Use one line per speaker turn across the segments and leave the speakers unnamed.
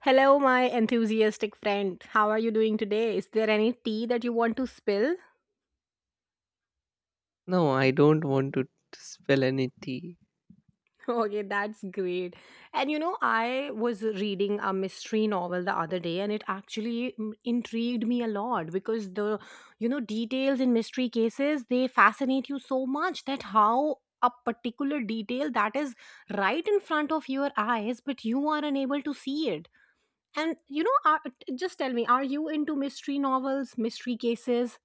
Hello, my enthusiastic friend. How are you doing today? Is there any tea that you want to spill?
No, I don't want to spill any tea.
Okay, that's great. And you know, I was reading a mystery novel the other day, and it actually intrigued me a lot, because the details in mystery cases, they fascinate you so much. That how a particular detail that is right in front of your eyes, but you are unable to see it. And just tell me, are you into mystery novels, mystery cases?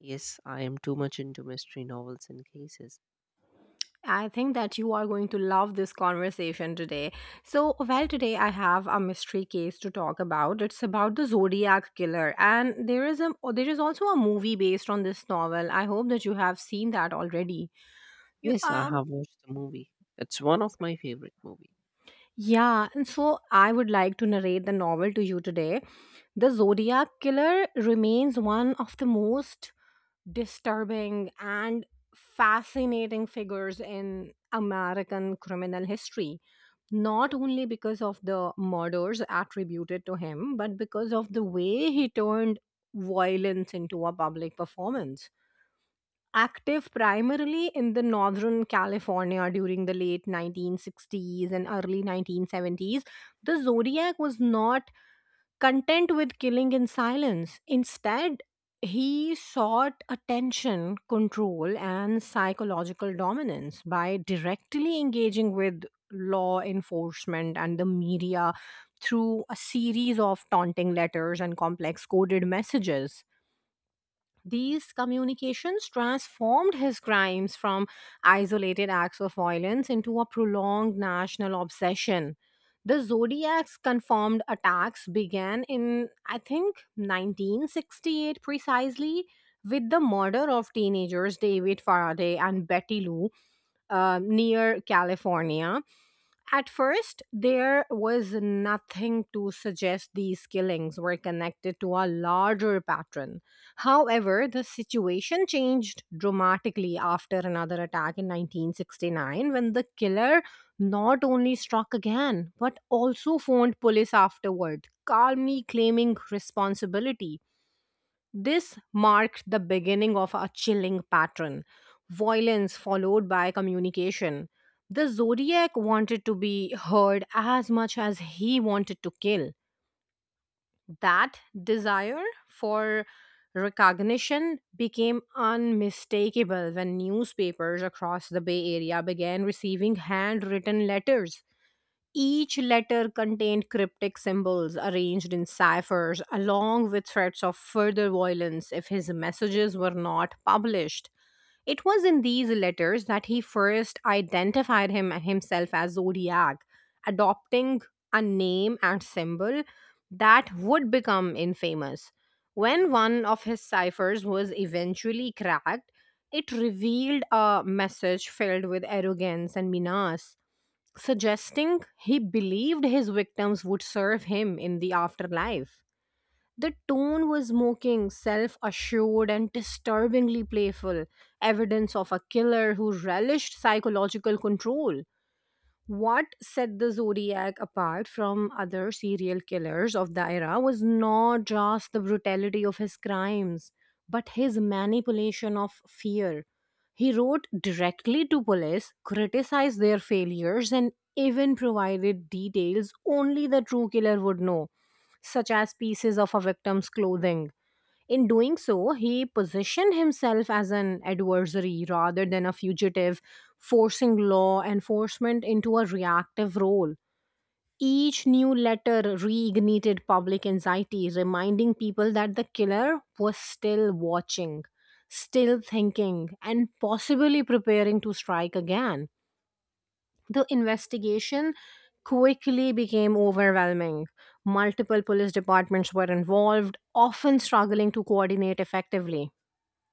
Yes, I am too much into mystery novels and cases.
I think that you are going to love this conversation today. So, well, today I have a mystery case to talk about. It's about the Zodiac killer, and there is also a movie based on this novel. I hope that you have seen that already. You,
Yes, I
um,
have watched the movie. It's one of my favorite movie.
yeah, and so I would like to narrate the novel to you today. The Zodiac Killer remains one of the most disturbing and fascinating figures in American criminal history, not only because of the murders attributed to him, but because of the way he turned violence into a public performance. Active primarily in the Northern California during the late 1960s and early 1970s, the Zodiac was not content with killing in silence. Instead, he sought attention, control, and psychological dominance by directly engaging with law enforcement and the media through a series of taunting letters and complex coded messages. These communications transformed his crimes from isolated acts of violence into a prolonged national obsession. The Zodiac's confirmed attacks began in, I think, 1968 precisely, with the murder of teenagers David Faraday and Betty Lou near California. At first, there was nothing to suggest these killings were connected to a larger pattern. However, the situation changed dramatically after another attack in 1969, when the killer not only struck again but also phoned police afterward, calmly claiming responsibility. This marked the beginning of a chilling pattern: violence followed by communication. The Zodiac wanted to be heard as much as he wanted to kill. That desire for recognition became unmistakable when newspapers across the Bay Area began receiving handwritten letters. Each letter contained cryptic symbols arranged in ciphers, along with threats of further violence if his messages were not published. It was in these letters that he first identified himself as Zodiac, adopting a name and symbol that would become infamous. When one of his ciphers was eventually cracked, it revealed a message filled with arrogance and menace, suggesting he believed his victims would serve him in the afterlife. The tone was mocking, self assured, and disturbingly playful, evidence of a killer who relished psychological control. What set the Zodiac apart from other serial killers of the era was not just the brutality of his crimes, but his manipulation of fear. He wrote directly to police, criticized their failures, and even provided details only the true killer would know, such as pieces of a victim's clothing. In doing so, he positioned himself as an adversary rather than a fugitive, forcing law enforcement into a reactive role. Each new letter reignited public anxiety, reminding people that the killer was still watching, still thinking, and possibly preparing to strike again. The investigation quickly became overwhelming. Multiple police departments were involved, often struggling to coordinate effectively.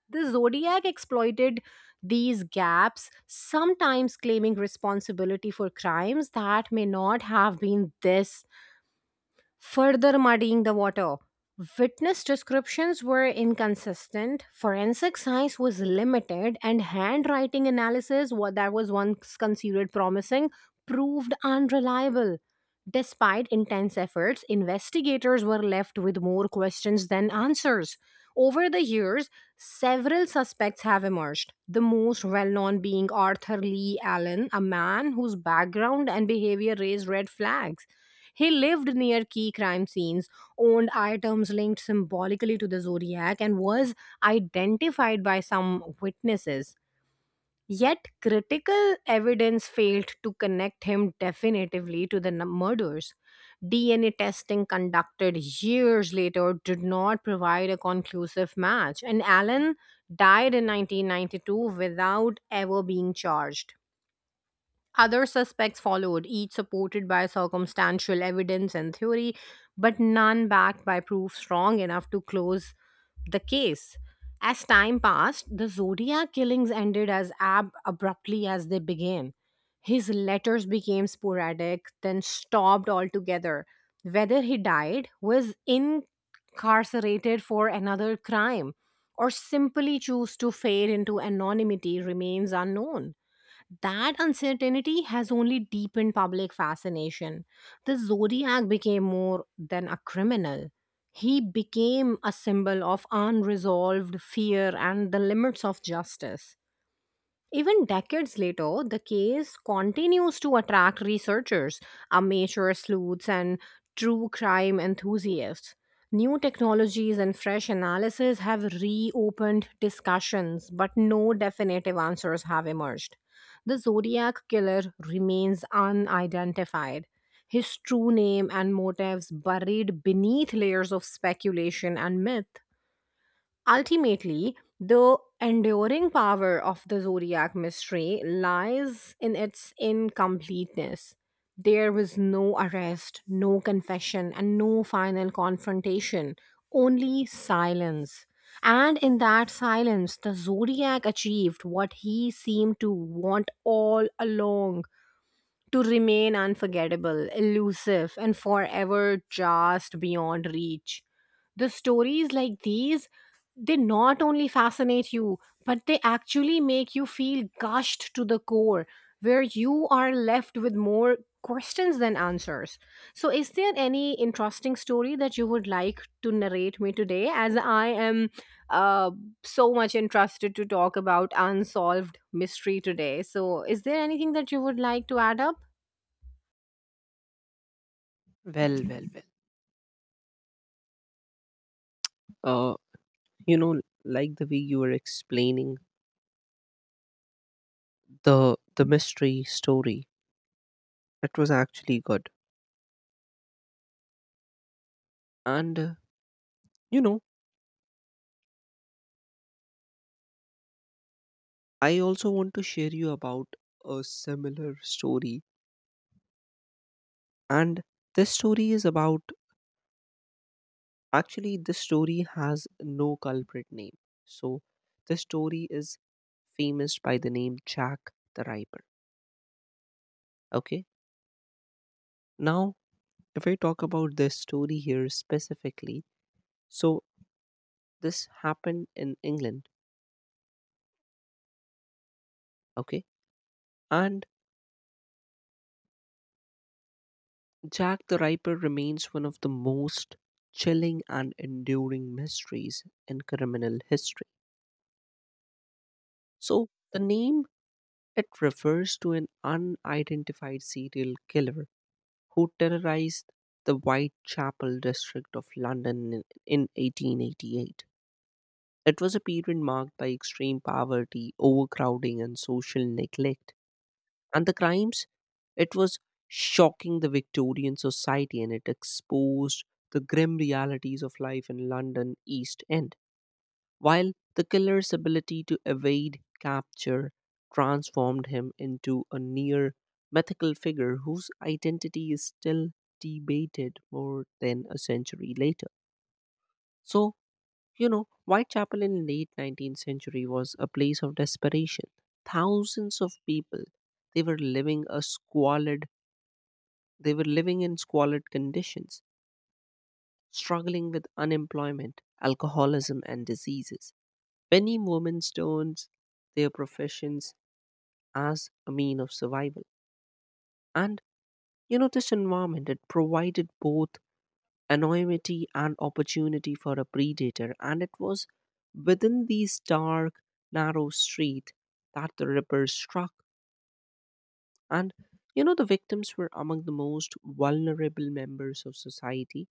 The Zodiac exploited these gaps, sometimes claiming responsibility for crimes that may not have been this, further muddying the water. Witness descriptions were inconsistent, forensic science was limited, and handwriting analysis, what that was once considered promising, proved unreliable. Despite intense efforts, investigators were left with more questions than answers. Over the years, several suspects have emerged, the most well known being Arthur Lee Allen, a man whose background and behavior raised red flags. He lived near key crime scenes, owned items linked symbolically to the Zodiac, and was identified by some witnesses. Yet, critical evidence failed to connect him definitively to the murders. DNA testing conducted years later did not provide a conclusive match, and Allen died in 1992 without ever being charged. Other suspects followed, each supported by circumstantial evidence and theory, but none backed by proof strong enough to close the case. As time passed, the Zodiac killings ended as abruptly as they began. His letters became sporadic, then stopped altogether. Whether he died, was incarcerated for another crime, or simply chose to fade into anonymity remains unknown. That uncertainty has only deepened public fascination. The Zodiac became more than a criminal. He became a symbol of unresolved fear and the limits of justice. Even decades later, the case continues to attract researchers, amateur sleuths, and true crime enthusiasts. New technologies and fresh analysis have reopened discussions, but no definitive answers have emerged. The Zodiac killer remains unidentified, his true name and motives buried beneath layers of speculation and myth. Ultimately, the enduring power of the Zodiac mystery lies in its incompleteness. There was no arrest, no confession, and no final confrontation, only silence. And in that silence, the Zodiac achieved what he seemed to want all along: to remain unforgettable, elusive, and forever just beyond reach. The stories like these, they not only fascinate you, but they actually make you feel gushed to the core, where you are left with more questions than answers. So, is there any interesting story that you would like to narrate me today, as I am uh, so much interested to talk about unsolved mystery today? So, is there anything that you would like to add up?
Well, well, well. Uh, you know like the way you were explaining the the mystery story, it was actually good. And you know I also want to share you about a similar story. And this story is about, actually this story has no culprit name. So this story is famous by the name Jack the Ripper. Okay, now if I talk about this story here specifically, so this happened in England. Okay. And Jack the Ripper remains one of the most chilling and enduring mysteries in criminal history. So the name, it refers to an unidentified serial killer who terrorized the Whitechapel district of London in 1888. It was a period marked by extreme poverty, overcrowding, and social neglect. And the crimes, it was shocking the Victorian society, and it exposed the grim realities of life in London East End. While the killer's ability to evade capture transformed him into a near mythical figure whose identity is still debated more than a century later. So, Whitechapel in late 19th century was a place of desperation. Thousands of people, they were living a squalid they were living in squalid conditions, struggling with unemployment, alcoholism, and diseases. Many women turned their professions as a mean of survival. And this environment, it provided both anonymity and opportunity for a predator, and it was within these dark, narrow streets that the rippers struck. And the victims were among the most vulnerable members of society,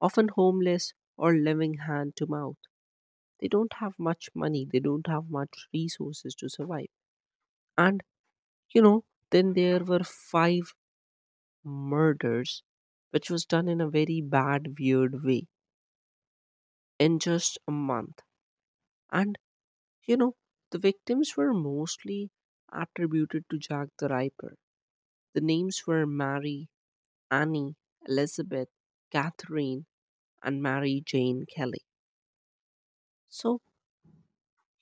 often homeless or living hand to mouth. They don't have much money, they don't have much resources to survive. And you know, then there were 5 murders which was done in a very bad, weird way, in just a month. And you know, the victims were mostly attributed to Jack the Ripper. The names were Mary, Annie, Elizabeth, Catherine, and Mary Jane Kelly. So,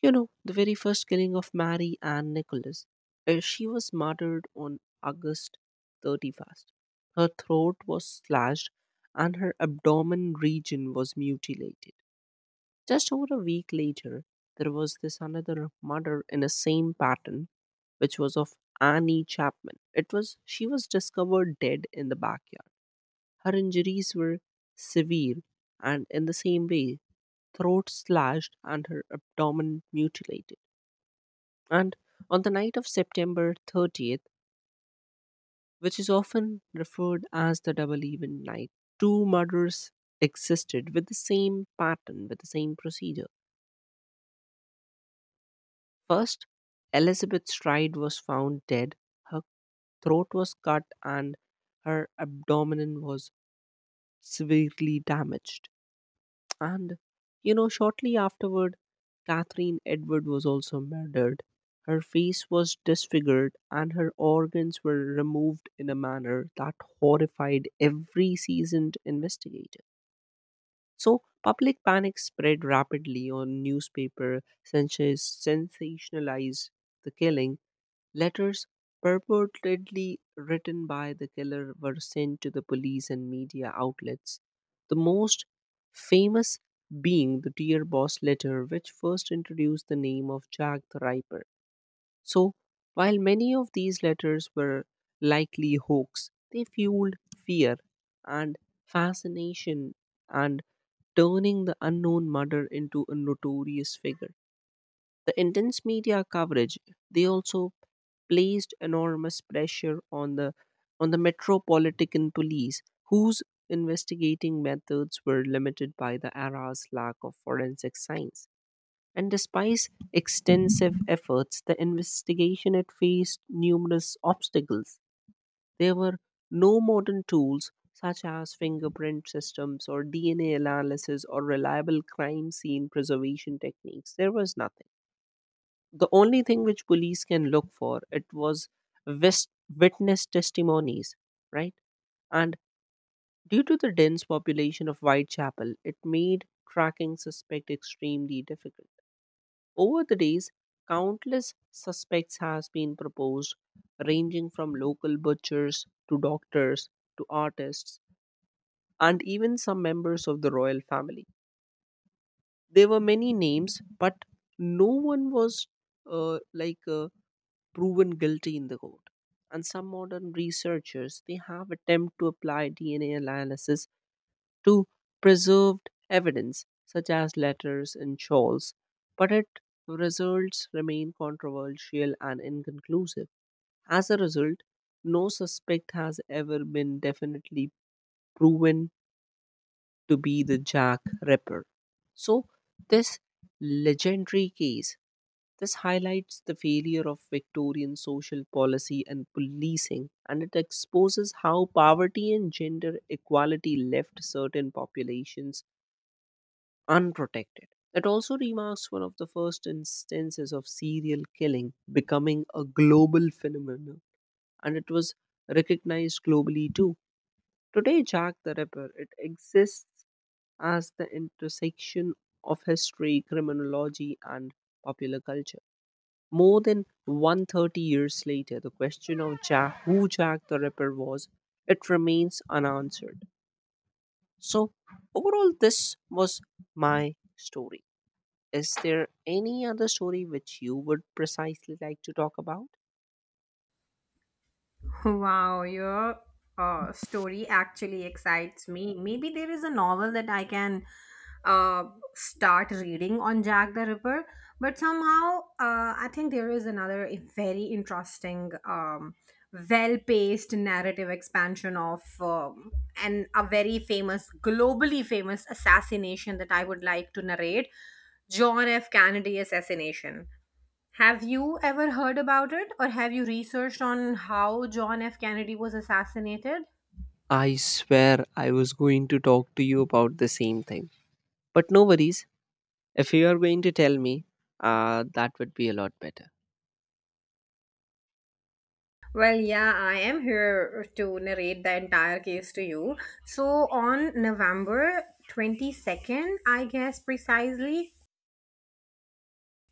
The very first killing of Mary Ann Nicholas, she was murdered on August 31st. Her throat was slashed and her abdomen region was mutilated. Just over a week later, there was this another murder in the same pattern, which was of Annie Chapman. It was she was discovered dead in the backyard. Her injuries were severe, and in the same way, throat slashed and her abdomen mutilated. And on the night of September 30th, which is often referred as the double event night, two murders existed with the same pattern, with the same procedure. First, Elizabeth Stride was found dead. Her throat was cut and her abdomen was severely damaged. And shortly afterward, Catherine Edward was also murdered. Her face was disfigured and her organs were removed in a manner that horrified every seasoned investigator. So, public panic spread rapidly on newspaper, sensationalized the killing. Letters purportedly written by the killer were sent to the police and media outlets, the most famous being the Dear Boss letter, which first introduced the name of Jack the Ripper. So while many of these letters were likely hoax, they fueled fear and fascination, and turning the unknown murderer into a notorious figure. The intense media coverage, they also placed enormous pressure on the metropolitan police, whose investigating methods were limited by the era's lack of forensic science. And despite extensive efforts, the investigation had faced numerous obstacles. There were no modern tools such as fingerprint systems or DNA analysis or reliable crime scene preservation techniques. There was nothing. The only thing which police can look for, it was wis- witness testimonies, right? And due to the dense population of Whitechapel, it made tracking suspect extremely difficult. Over the days, countless suspects has been proposed, ranging from local butchers to doctors to artists and even some members of the royal family. There were many names, but no one was uh, like uh, proven guilty in the court. And some modern researchers, they have attempted to apply DNA analysis to preserved evidence such as letters and shawls, but its results remain controversial and inconclusive. As a result, no suspect has ever been definitely proven to be the Jack Ripper. So this legendary case, this highlights the failure of Victorian social policy and policing, and it exposes how poverty and gender equality left certain populations unprotected. It also remarks one of the first instances of serial killing becoming a global phenomenon, and it was recognized globally too. Today, Jack the Ripper, it exists as the intersection of history, criminology, and popular culture. More than 130 years later, the question of Jack, who Jack the Ripper was, it remains unanswered. So overall, this was my story. Is there any other story which you would precisely like to talk about?
Wow, your story actually excites me. Maybe there is a novel that I can uh, start reading on Jack the Ripper, but somehow, I think there is another very interesting, well-paced narrative expansion of and a very famous, globally famous assassination that I would like to narrate, John F. Kennedy assassination. Have you ever heard about it, or have you researched on how John F. Kennedy was assassinated?
I swear I was going to talk to you about the same thing. But no worries, if you are going to tell me, that would be a lot better.
Well, yeah, I am here to narrate the entire case to you. So, on November 22nd, I guess precisely.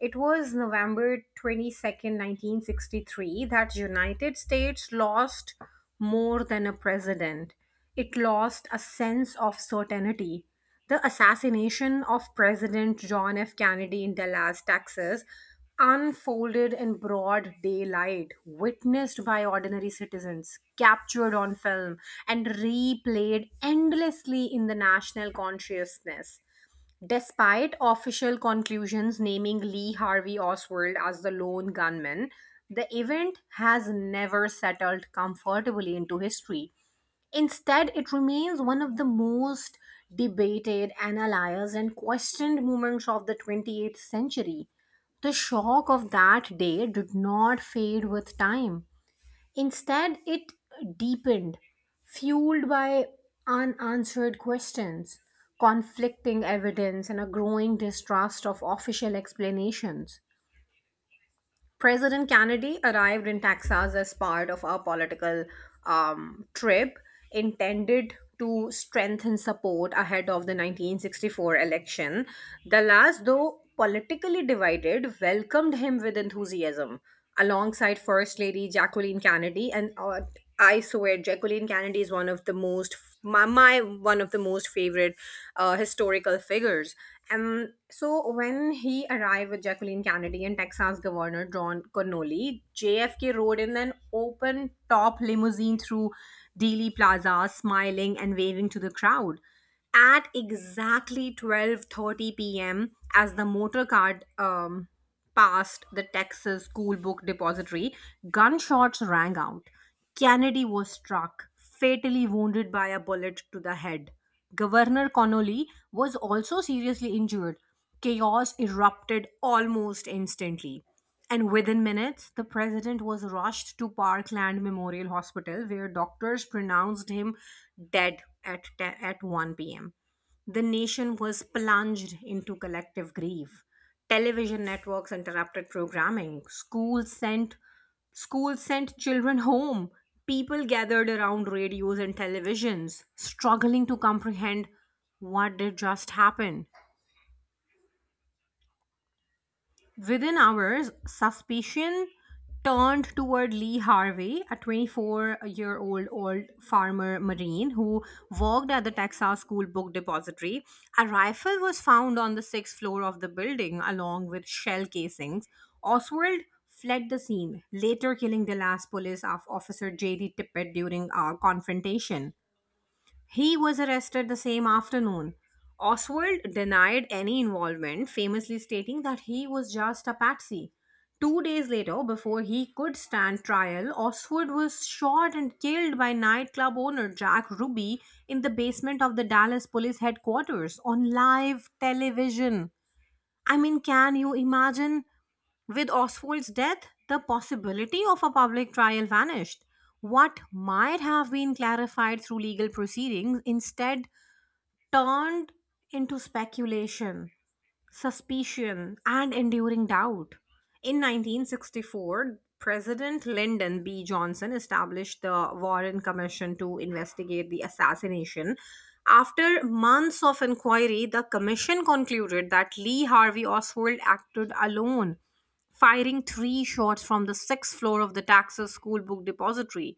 It was November 22nd, 1963 that United States lost more than a president. It lost a sense of certainty. The assassination of President John F. Kennedy in Dallas, Texas, unfolded in broad daylight, witnessed by ordinary citizens, captured on film, and replayed endlessly in the national consciousness. Despite official conclusions naming Lee Harvey Oswald as the lone gunman, the event has never settled comfortably into history. Instead, it remains one of the most debated, analyzed, and questioned moments of the 28th century. The shock of that day did not fade with time. Instead, it deepened, fueled by unanswered questions, conflicting evidence, and a growing distrust of official explanations. President Kennedy arrived in Texas as part of a political trip intended to strengthen support ahead of the 1964 election. The last, though politically divided, welcomed him with enthusiasm alongside First Lady Jacqueline Kennedy. And I swear, Jacqueline Kennedy is one of the most favorite historical figures. And so, when he arrived with Jacqueline Kennedy and Texas Governor John Connolly, JFK rode in an open top limousine through Dealey Plaza, smiling and waving to the crowd at exactly 12:30 p.m. As the motor car past the Texas School Book Depository, gunshots rang out. Kennedy was struck, fatally wounded by a bullet to the head. Governor Connolly was also seriously injured. Chaos erupted almost instantly. And within minutes, the president was rushed to Parkland Memorial Hospital, where doctors pronounced him dead at 1 p.m. The nation was plunged into collective grief. Television networks interrupted programming. Schools sent children home. People gathered around radios and televisions, struggling to comprehend what did just happen. Within hours, suspicion turned toward Lee Harvey, a 24-year-old old old farmer marine who worked at the Texas School Book Depository. A rifle was found on the sixth floor of the building, along with shell casings. Oswald fled the scene, later killing Dallas police of officer J.D. Tippett during a confrontation. He was arrested the same afternoon. Oswald denied any involvement, famously stating that he was just a patsy. 2 days later, before he could stand trial, Oswald was shot and killed by nightclub owner Jack Ruby in the basement of the Dallas police headquarters on live television. I mean, can you imagine? With Oswald's death, the possibility of a public trial vanished. What might have been clarified through legal proceedings instead turned into speculation, suspicion, and enduring doubt. In 1964, President Lyndon B. Johnson established the Warren Commission to investigate the assassination. After months of inquiry, the commission concluded that Lee Harvey Oswald acted alone, firing 3 shots from the sixth floor of the Texas School Book Depository.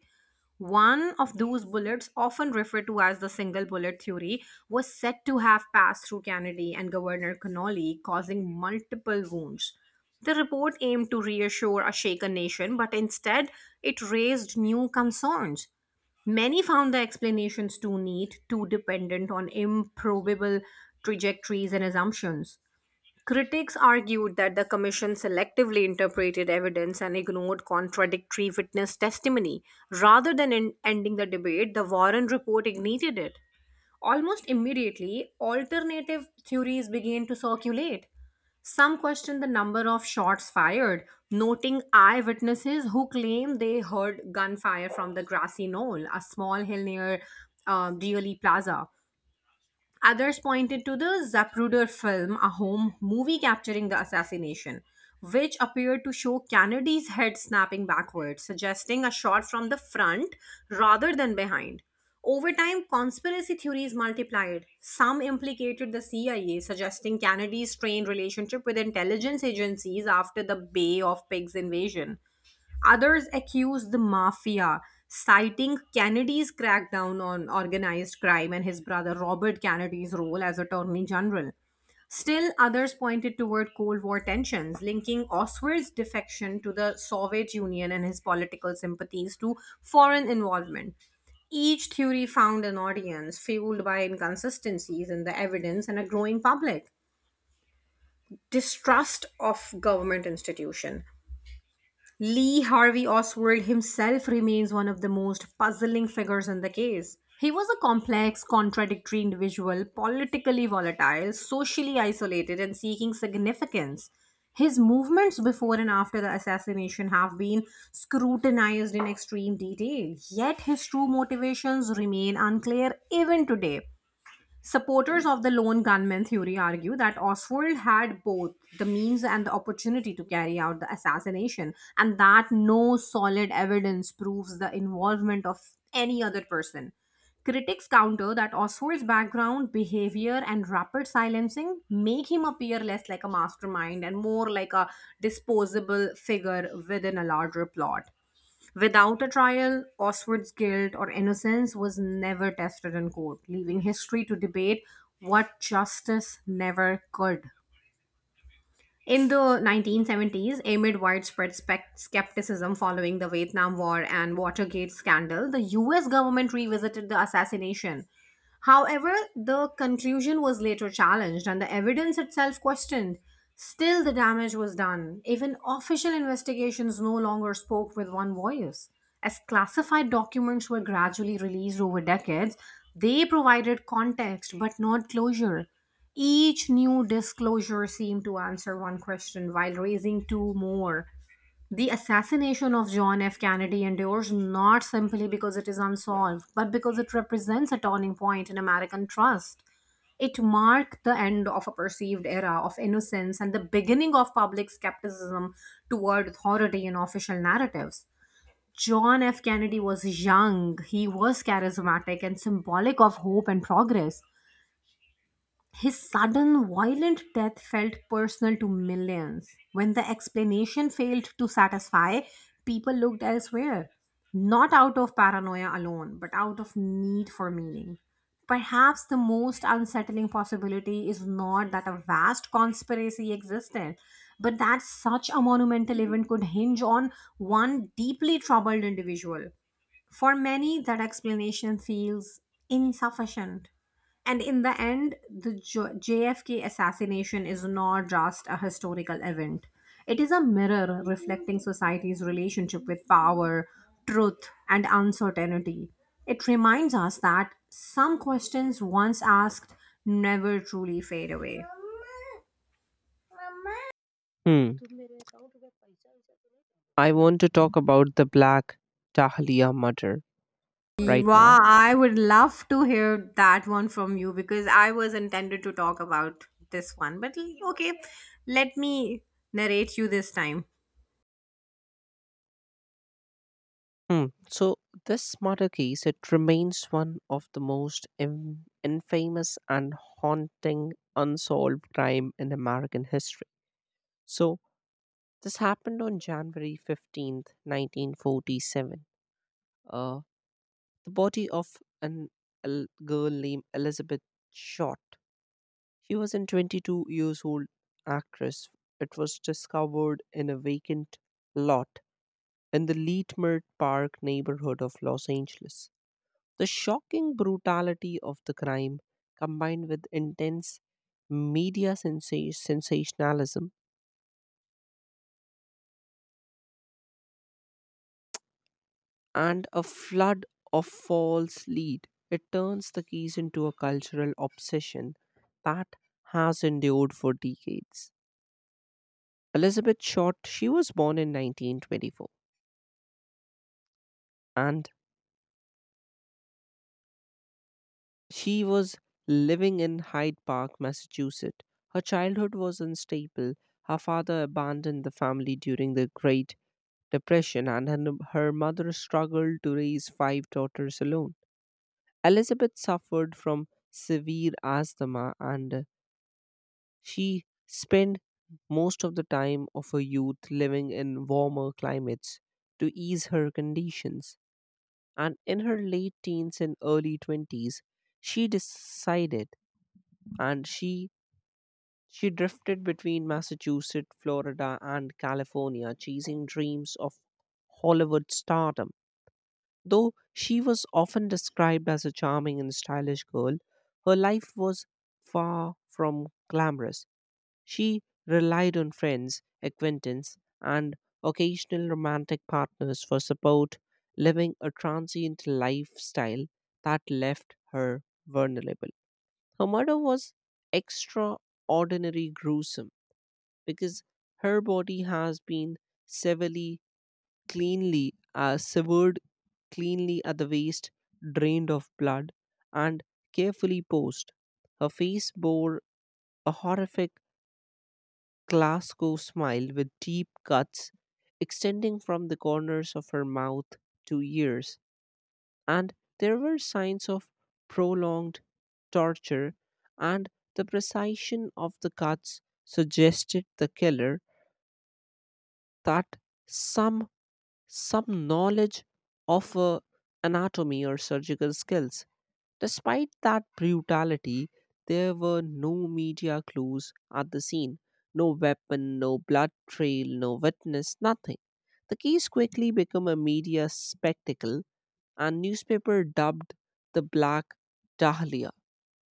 One of those bullets, often referred to as the single bullet theory, was said to have passed through Kennedy and Governor Connolly, causing multiple wounds. The report aimed to reassure a shaken nation, but instead it raised new concerns. Many found the explanations too neat, too dependent on improbable trajectories and assumptions. Critics argued that the Commission selectively interpreted evidence and ignored contradictory witness testimony. Rather than ending the debate, the Warren report ignited it. Almost immediately, alternative theories began to circulate. Some questioned the number of shots fired, noting eyewitnesses who claimed they heard gunfire from the grassy knoll, a small hill near Dealey Plaza. Others pointed to the Zapruder film, a home movie capturing the assassination, which appeared to show Kennedy's head snapping backwards, suggesting a shot from the front rather than behind. Over time, conspiracy theories multiplied. Some implicated the CIA, suggesting Kennedy's strained relationship with intelligence agencies after the Bay of Pigs invasion. Others accused the mafia, citing Kennedy's crackdown on organized crime and his brother Robert Kennedy's role as Attorney General. Still, others pointed toward Cold War tensions, linking Oswald's defection to the Soviet Union and his political sympathies to foreign involvement. Each theory found an audience fueled by inconsistencies in the evidence and a growing public distrust of government institution. Lee Harvey Oswald himself remains one of the most puzzling figures in the case. He was a complex, contradictory individual, politically volatile, socially isolated, and seeking significance. His movements before and after the assassination have been scrutinized in extreme detail, yet his true motivations remain unclear even today. Supporters of the lone gunman theory argue that Oswald had both the means and the opportunity to carry out the assassination, and that no solid evidence proves the involvement of any other person. Critics counter that Oswald's background, behavior, and rapid silencing make him appear less like a mastermind and more like a disposable figure within a larger plot. Without a trial, Oswald's guilt or innocence was never tested in court, leaving history to debate what justice never could. In the 1970s, amid widespread skepticism following the Vietnam War and Watergate scandal, the US government revisited the assassination. However, the conclusion was later challenged and the evidence itself questioned. Still, the damage was done. Even official investigations no longer spoke with one voice. As classified documents were gradually released over decades, they provided context but not closure. Each new disclosure seemed to answer one question while raising two more. The assassination of John F. Kennedy endures not simply because it is unsolved, but because it represents a turning point in American trust. It marked the end of a perceived era of innocence and the beginning of public skepticism toward authority and official narratives. John F. Kennedy was young, he was charismatic and symbolic of hope and progress. His sudden, violent death felt personal to millions. When the explanation failed to satisfy, people looked elsewhere, not out of paranoia alone, but out of need for meaning. Perhaps the most unsettling possibility is not that a vast conspiracy existed, but that such a monumental event could hinge on one deeply troubled individual. For many, that explanation feels insufficient. And in the end, the JFK assassination is not just a historical event, it is a mirror reflecting society's relationship with power, truth, and uncertainty. It reminds us that some questions once asked never truly fade away.
Hmm. I want to talk about the Black Dahlia murder right now.
Wow, I would love to hear that one from you because I was intended to talk about this one. But okay, let me narrate you this time.
Hmm. So this murder case, it remains one of the most infamous and haunting unsolved crime in American history. So this happened on January 15th, 1947. Uh, the body of an girl named Elizabeth Short. She was a 22 years old actress. It was discovered in a vacant lot in the Leetmert Park neighborhood of Los Angeles. The shocking brutality of the crime, combined with intense media sensationalism and a flood of false lead, it turns the case into a cultural obsession that has endured for decades. Elizabeth Short, she was born in 1924, and she was living in Hyde Park, Massachusetts. Her childhood was unstable. Her father abandoned the family during the Great Depression, and her mother struggled to raise 5 daughters alone. Elizabeth suffered from severe asthma, and she spent most of the time of her youth living in warmer climates to ease her conditions. And in her late teens and early 20s, she decided and she She drifted between Massachusetts, Florida, and California, chasing dreams of Hollywood stardom. Though she was often described as a charming and stylish girl, her life was far from glamorous. She relied on friends, acquaintance, and occasional romantic partners for support, living a transient lifestyle that left her vulnerable. Her murder was extraordinarily gruesome because her body has been severely cleanly severed cleanly at the waist, drained of blood, and carefully posed. Her face bore a horrific Glasgow smile with deep cuts extending from the corners of her mouth to ears, and there were signs of prolonged torture, and the precision of the cuts suggested the killer that some some knowledge of anatomy or surgical skills. Despite that brutality, there were no media clues at the scene, no weapon, no blood trail, no witness, nothing. The case quickly became a media spectacle, and newspaper dubbed the Black Dahlia,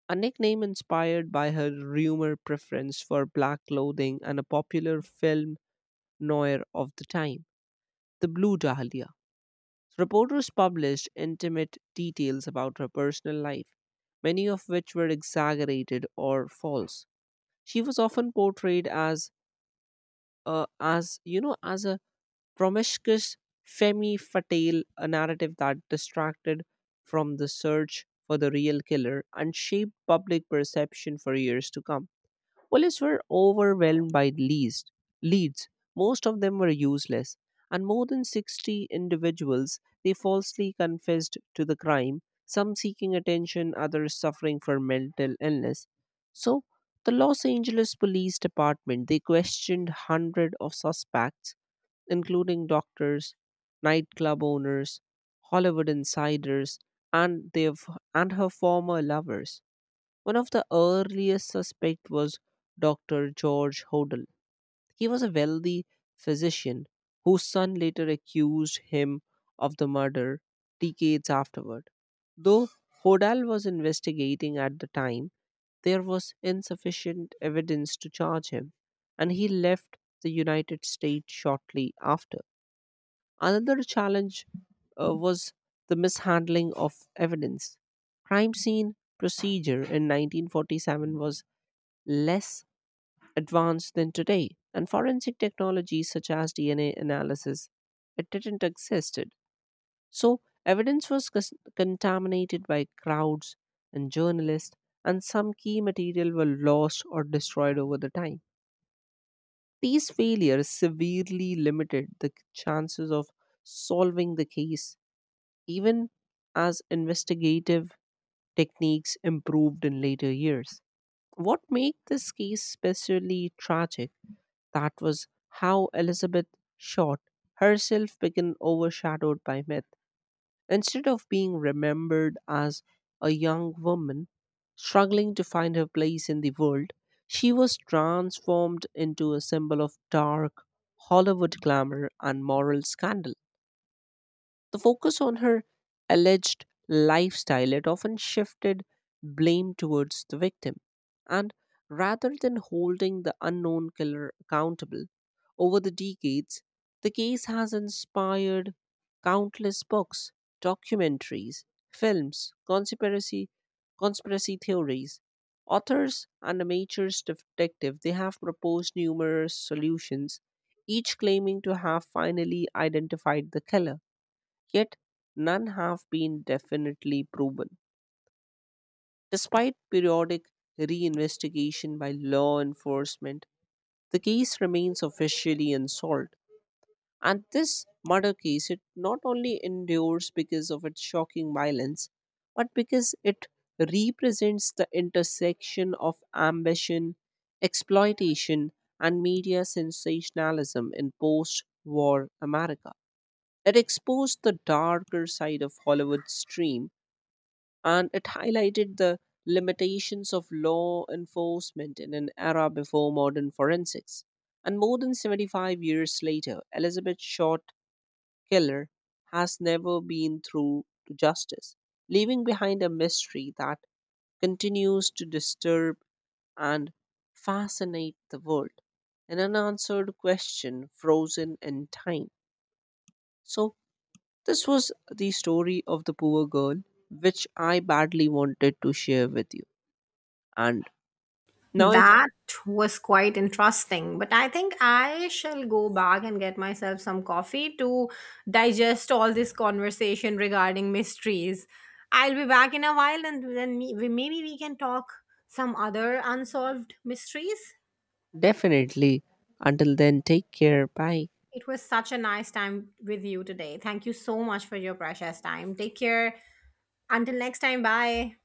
a nickname inspired by her rumor preference for black clothing and a popular film noir of the time, the Blue Dahlia. Reporters published intimate details about her personal life, many of which were exaggerated or false. She was often portrayed as, as a promiscuous femme fatale, a narrative that distracted from the search for the real killer and shaped public perception for years to come. Police were overwhelmed by leads. Most of them were useless, and more than 60 individuals, they falsely confessed to the crime, some seeking attention, others suffering from mental illness. So the Los Angeles Police Department, they questioned hundred of suspects, including doctors, nightclub owners, Hollywood insiders, and and her former lovers. One of the earliest suspects was Dr. George Hodel. He was a wealthy physician whose son later accused him of the murder decades afterward. Though Hodel was investigating at the time, there was insufficient evidence to charge him, and he left the United States shortly after. Another challenge, was the mishandling of evidence. Crime scene procedure in 1947 was less advanced than today, and forensic technologies such as DNA analysis, it didn't existed. So evidence was contaminated by crowds and journalists, and some key material were lost or destroyed over the time. These failures severely limited the chances of solving the case, even as investigative techniques improved in later years. What made this case especially tragic, that was how Elizabeth Short herself became overshadowed by myth. Instead of being remembered as a young woman struggling to find her place in the world, she was transformed into a symbol of dark Hollywood glamour and moral scandal. The focus on her alleged lifestyle, it often shifted blame towards the victim, and rather than holding the unknown killer accountable, over the decades the case has inspired countless books, documentaries, films, conspiracy theories. Authors and amateurs detective, they have proposed numerous solutions, each claiming to have finally identified the killer. Yet none have been definitely proven. Despite periodic reinvestigation by law enforcement, the case remains officially unsolved. And this murder case, it not only endures because of its shocking violence, but because it represents the intersection of ambition, exploitation, and media sensationalism in post war America. It exposed the darker side of Hollywood's dream, and it highlighted the limitations of law enforcement in an era before modern forensics. And more than 75 years later, Elizabeth Short Killer has never been through to justice, leaving behind a mystery that continues to disturb and fascinate the world. An unanswered question frozen in time. So this was the story of the poor girl, which I badly wanted to share with you. And now, if
That was quite interesting, but I think I shall go back and get myself some coffee to digest all this conversation regarding mysteries. I'll be back in a while and then maybe we can talk some other unsolved mysteries.
definitely, until then, take care. Bye.
It was such a nice time with you today. Thank you so much for your precious time. Take care. Until next time, bye.